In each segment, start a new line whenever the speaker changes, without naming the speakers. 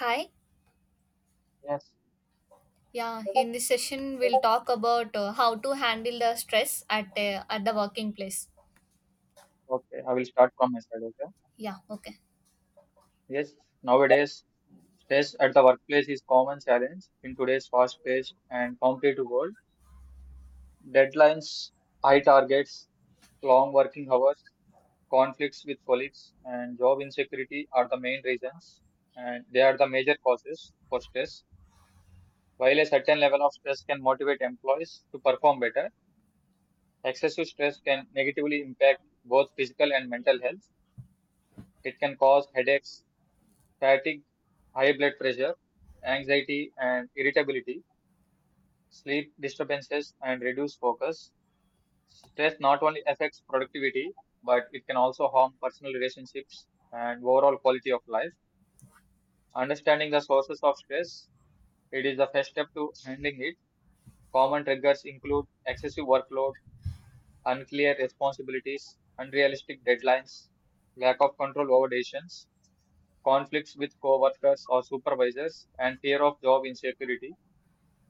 Hi.
Yes,
Yeah, in this session we'll talk about how to handle the stress at the working place.
okay. I will start from my side, okay?
Yeah, okay.
Yes, nowadays, stress at the workplace is common challenge in today's fast-paced and competitive world. Deadlines, high targets, long working hours, conflicts with colleagues, and job insecurity are the main reasons, and they are the major causes for stress. While a certain level of stress can motivate employees to perform better, excessive stress can negatively impact both physical and mental health. It can cause headaches, fatigue, high blood pressure, anxiety and irritability, sleep disturbances and reduced focus. Stress not only affects productivity, but it can also harm personal relationships and overall quality of life. Understanding the sources of stress, it is the first step to handling it. Common triggers include excessive workload, unclear responsibilities, unrealistic deadlines, lack of control over decisions, conflicts with co-workers or supervisors, and fear of job insecurity.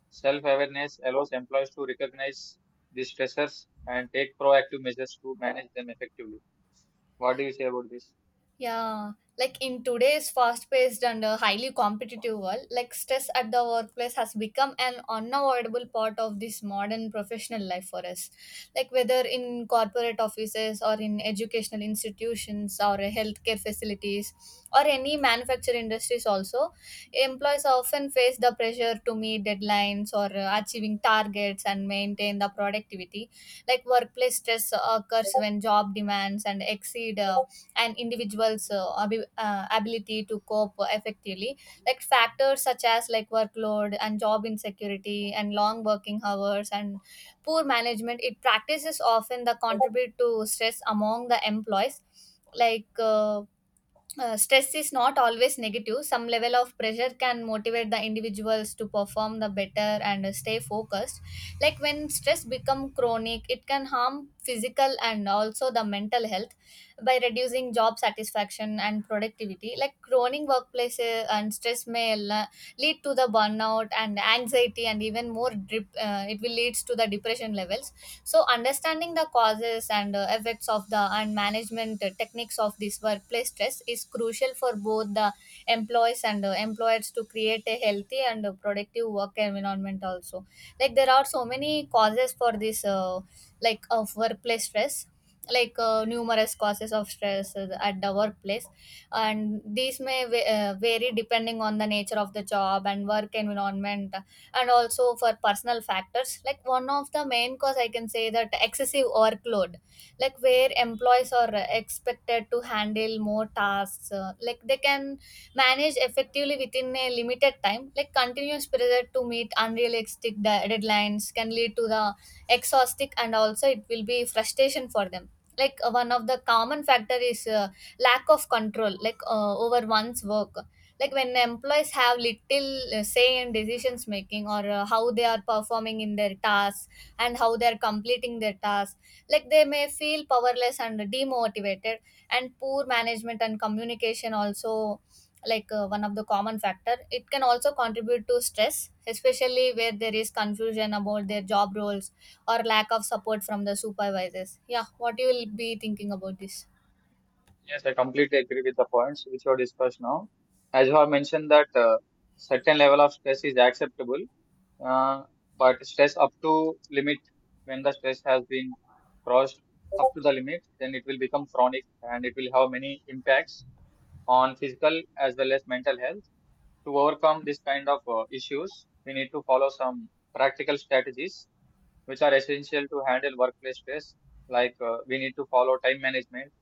Self awareness allows employees to recognize these stressors and take proactive measures to manage them effectively. What do you say about this?
Yeah, like in today's fast-paced and highly competitive world, like stress at the workplace has become an unavoidable part of this modern professional life for us. Like whether in corporate offices or in educational institutions or healthcare facilities or any manufacture industries also, employees often face the pressure to meet deadlines or achieving targets and maintain the productivity. Like workplace stress occurs when job demands and exceed and individuals ability to cope effectively like factors such as like workload and job insecurity and long working hours and poor management it practices often the contribute to stress among the employees like stress is not always negative. Some level of pressure can motivate the individuals to perform the better and stay focused. Like when stress become chronic, it can harm physical and also the mental health by reducing job satisfaction and productivity. Like chronic workplace and stress may lead to the burnout and anxiety and even more drip, it will leads to the depression levels. So understanding the causes and effects of the and management techniques of this workplace stress is crucial for both the employees and employers to create a healthy and productive work environment also. Like there are so many causes for this like of workplace stress, like numerous causes of stress at the workplace, and these may vary depending on the nature of the job and work environment, and also for personal factors. Like one of the main cause I can say that excessive workload, like where employees are expected to handle more tasks like they can manage effectively within a limited time. Like continuous pressure to meet unrealistic deadlines can lead to the exhaustic and also it will be frustration for them. Like one of the common factor is lack of control, like over one's work. Like when employees have little say in decisions making or how they are performing in their tasks and how they are completing their tasks, like they may feel powerless and demotivated. And poor management and communication also, like one of the common factor, it can also contribute to stress, especially where there is confusion about their job roles or lack of support from the supervisors. Yeah, what you will be thinking about this?
Yes, I completely agree with the points which are discussed now. As you have mentioned that certain level of stress is acceptable, uh, but stress up to limit when the stress has been crossed up to the limit, then it will become chronic and it will have many impacts on physical as well as mental health to overcome this kind of issues, we need to follow some practical strategies which are essential to handle workplace stress. Like we need to follow time management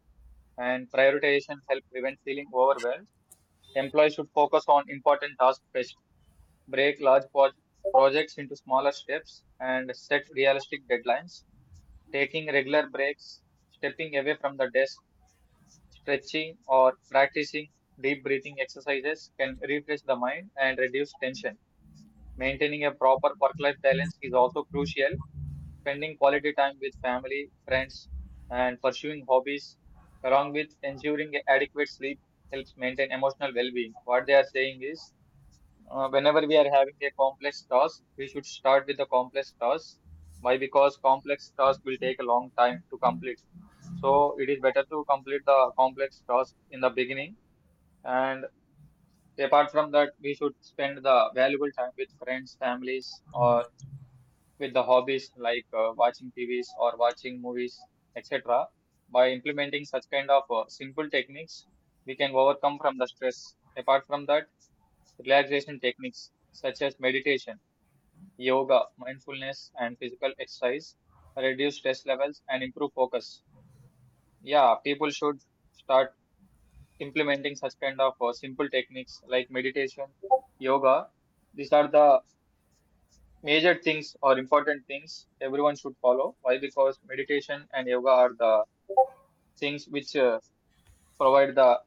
and prioritization help prevent feeling overwhelmed. Employees should focus on important tasks first, break projects into smaller steps, and set realistic deadlines. Taking regular breaks, stepping away from the desk, stretching, or practicing deep breathing exercises can refresh the mind and reduce tension. Maintaining a proper work-life balance is also crucial. Spending quality time with family, friends, and pursuing hobbies, along with ensuring adequate sleep, helps maintain emotional well-being. What they are saying is, whenever we are having a complex task, we should start with the complex task. Why? Because complex task will take a long time to complete. So it is better to complete the complex task in the beginning. And apart from that, we should spend the valuable time with friends, families, or with the hobbies like watching TVs or watching movies, etc. By implementing such kind of simple techniques, we can overcome from the stress. Apart from that, relaxation techniques such as meditation, yoga, mindfulness, and physical exercise reduce stress levels and improve focus. Yeah, people should start implementing such kind of simple techniques like meditation, yoga. These are the major things or important things everyone should follow. Why? Because meditation and yoga are the things which provide the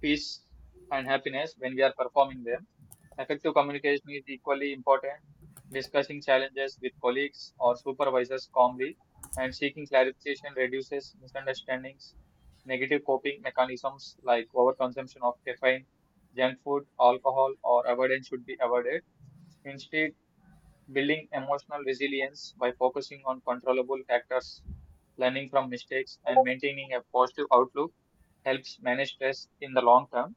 peace and happiness when we are performing them. Effective communication is equally important. Discussing challenges with colleagues or supervisors calmly and seeking clarification reduces misunderstandings. Negative coping mechanisms like overconsumption of caffeine, junk food, alcohol, or avoidance should be avoided. Instead, building emotional resilience by focusing on controllable factors, learning from mistakes, and maintaining a positive outlook helps manage stress in the long term.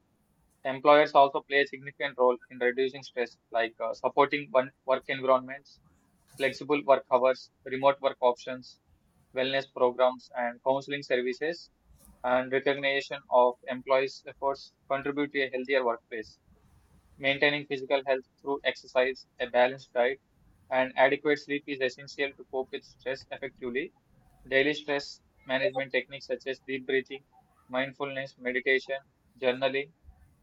Employers also play a significant role in reducing stress, like supporting one work environments, flexible work hours, remote work options, wellness programs, and counseling services. And recognition of employees' efforts contribute to a healthier workplace. Maintaining physical health through exercise, a balanced diet, and adequate sleep is essential to cope with stress effectively. Daily stress management techniques such as deep breathing, mindfulness, meditation, journaling,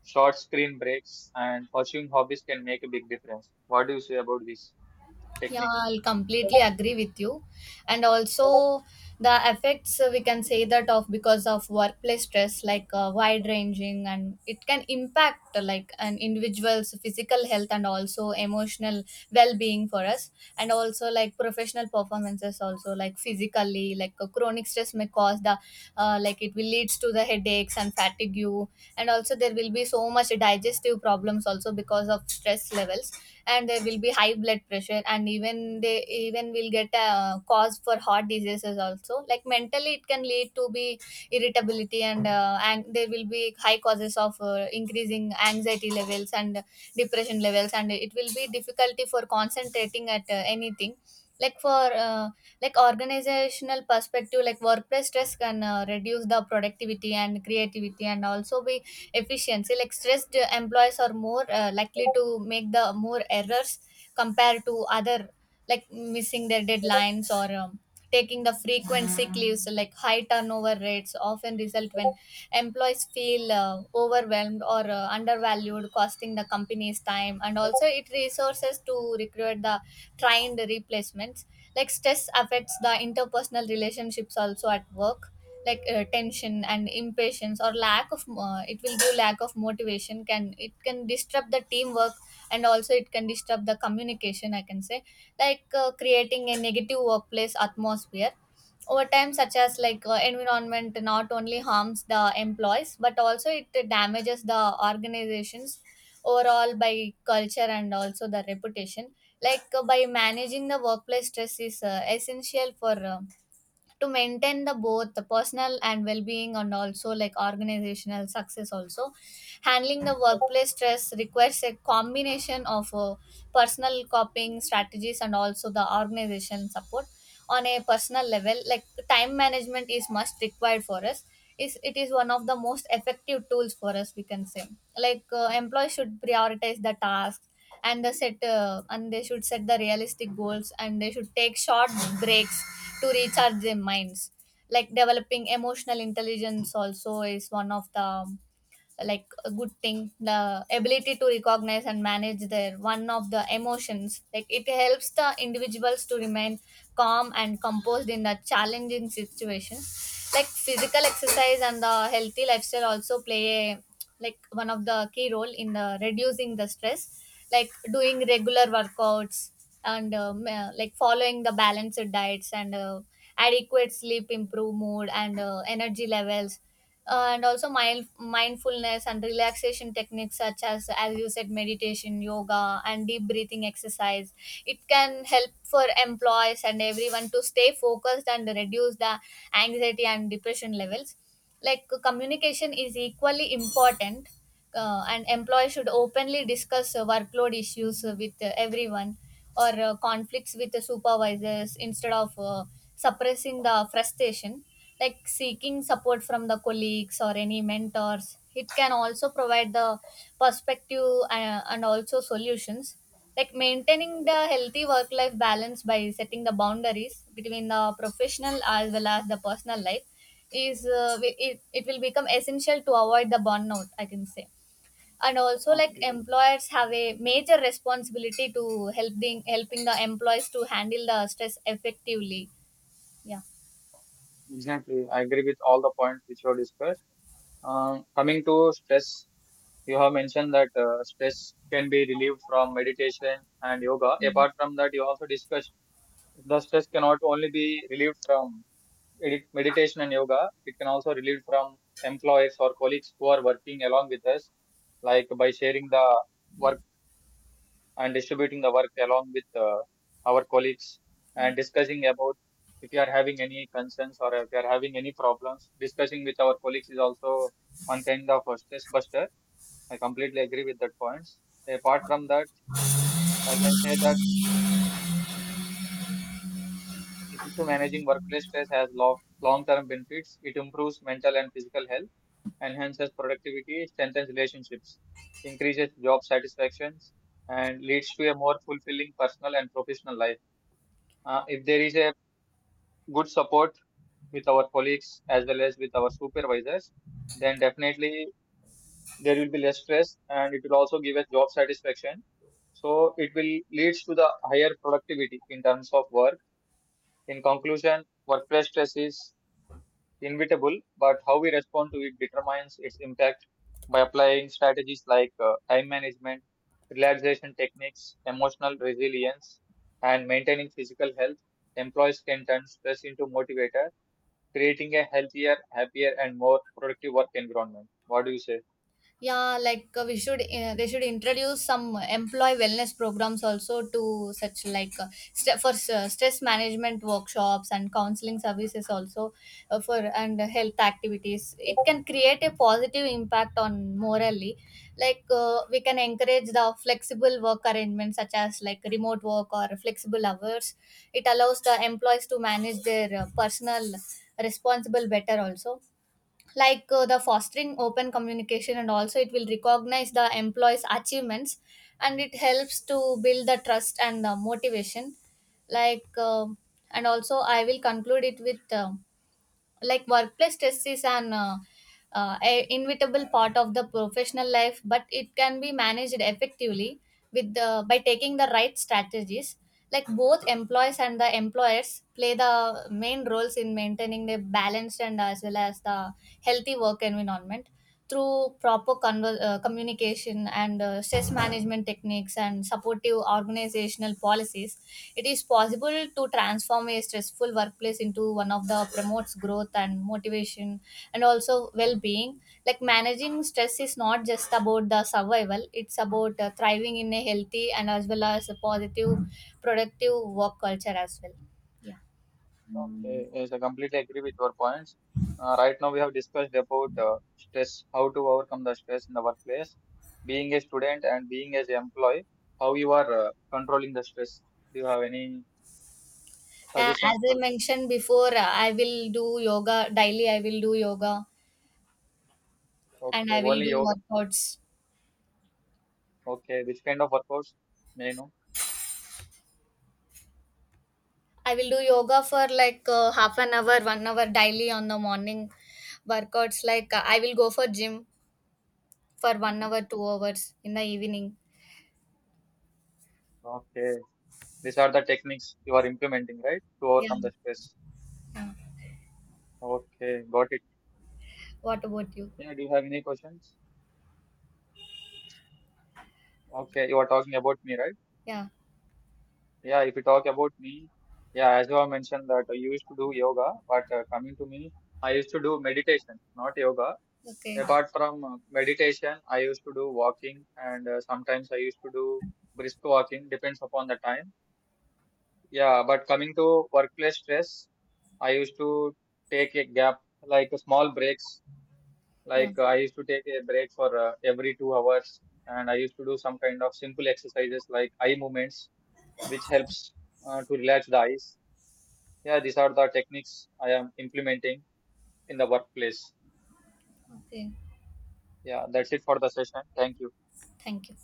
short screen breaks, and pursuing hobbies can make a big difference. What do you say about these
Yeah,
techniques?
I'll completely agree with you. And also, the effects we can say that of because of workplace stress, like wide ranging, and it can impact like an individual's physical health and also emotional well being for us, and also like professional performances. Also, like physically, like chronic stress may cause the like it will leads to the headaches and fatigue, you, and also there will be so much digestive problems also because of stress levels, and there will be high blood pressure and even they even will get a cause for heart diseases also. Like mentally it can lead to be irritability and there will be high causes of increasing anxiety levels and depression levels, and it will be difficulty for concentrating at anything. Like for like organizational perspective, like workplace stress can reduce the productivity and creativity and also be efficiency. Like stressed employees are more likely to make the more errors compared to other, like missing their deadlines or taking the frequent sick leaves. Like high turnover rates often result when employees feel overwhelmed or undervalued, costing the company's time and also it resources to recruit the trained replacements. Like stress affects the interpersonal relationships also at work, like tension and impatience or lack of it will give lack of motivation, can it can disrupt the teamwork and also it can disrupt the communication, I can say. Like creating a negative workplace atmosphere, over time such as like environment not only harms the employees but also it damages the organizations overall by culture and also the reputation. Like, by managing the workplace stress is essential for to maintain the both the personal and well-being and also like organizational success also. Handling the workplace stress requires a combination of personal coping strategies and also the organization support. On a personal level, like time management is must required for us, is it is one of the most effective tools for us, we can say. Like employees should prioritize the tasks and the set and they should set the realistic goals and they should take short breaks to recharge their minds. Like developing emotional intelligence also is one of the like a good thing, the ability to recognize and manage their one of the emotions, like it helps the individuals to remain calm and composed in the challenging situation. Like physical exercise and the healthy lifestyle also play a, like one of the key role in the reducing the stress. Like doing regular workouts and like following the balanced diets and adequate sleep improve mood and energy levels. And also mindfulness and relaxation techniques such as you said meditation, yoga and deep breathing exercise, it can help for employees and everyone to stay focused and reduce the anxiety and depression levels. Like communication is equally important. And employees should openly discuss workload issues with everyone or conflicts with the supervisors instead of suppressing the frustration. Like seeking support from the colleagues or any mentors, it can also provide the perspective and also solutions. Like maintaining the healthy work life balance by setting the boundaries between the professional as well as the personal life is it will become essential to avoid the burnout, I can say. And also like
Okay,
employers have a major responsibility to helping the employees to handle the stress effectively. Yeah.
exactly. I agree with all the points which were discussed. Coming to stress, you have mentioned that stress can be relieved from meditation and yoga. Apart from that, you also discussed. The stress cannot only be relieved from meditation and yoga. It can also relieved from employees or colleagues who are working along with us, like by sharing the work and distributing the work along with our colleagues and discussing about if you are having any concerns or if you are having any problems. Discussing with our colleagues is also one kind of a stress buster. I completely agree with that points. Apart from that, I can say that effective managing workplace stress has long term benefits. It improves mental and physical health, enhances productivity, strengthens relationships, increases job satisfactions, and leads to a more fulfilling personal and professional life. If there is a good support with our colleagues as well as with our supervisors, then definitely there will be less stress and it will also give us job satisfaction. So it will leads to the higher productivity in terms of work. In conclusion, workplace stress is inevitable, but how we respond to it determines its impact by applying strategies like time management, relaxation techniques, emotional resilience, and maintaining physical health. Employees can turn stress into motivator, creating a healthier, happier, and more productive work environment. What do you say?
Yeah, like we should they should introduce some employee wellness programs also to such like for stress management workshops and counseling services also, for and health activities, it can create a positive impact on morally. Like we can encourage the flexible work arrangements such as like remote work or flexible hours, it allows the employees to manage their personal responsible better also. Like the fostering open communication and also it will recognize the employees achievements and it helps to build the trust and motivation. Like and also I will conclude it with like workplace stress is an inevitable part of the professional life, but it can be managed effectively with the by taking the right strategies. Like both employees and the employers play the main roles in maintaining the balanced and as well as the healthy work environment. Through proper communication and stress management techniques and supportive organizational policies, it is possible to transform a stressful workplace into one of the promotes growth and motivation and also well-being. Like managing stress is not just about the survival; it's about thriving in a healthy and as well as a positive, productive work culture as well. Yeah.
Okay, yes, I completely agree with your points. Right now, we have discussed about stress, how to overcome the stress in the workplace, being a student and being as an employee, how you are controlling the stress. Do you have any
Yeah, as
suggestions for?
I mentioned before, I will do yoga daily. I will do yoga, and
Okay,
I will
only
do
yoga.
workouts.
Okay, which kind of workouts? May I know?
I will do yoga for like half an hour, 1 hour daily on the morning workouts. Like I will go for gym for one
Mhm.
hour, 2 hours in the evening.
Okay, these are the techniques you are implementing, right, to
Yeah.
overcome the stress.
Yeah.
Okay, got it.
What about you?
Yeah, do you have any questions? Okay, you are talking about me, right?
Yeah.
Yeah, if you talk about me, yeah, as you have mentioned that I used to do yoga, but coming to me, I used to do meditation, not yoga.
Okay.
Apart from meditation, I used to do walking, and sometimes I used to do brisk walking, depends upon the time. Yeah, but coming to workplace stress, I used to take a gap, like small breaks.
Yeah.
Like I used to take a break for every 2 hours, and I used to do some kind of simple exercises like eye movements, which helps to relax the eyes. Yeah, these are the techniques I am implementing in the workplace.
Okay.
Yeah, that's it for the session. Thank you.
Thank you.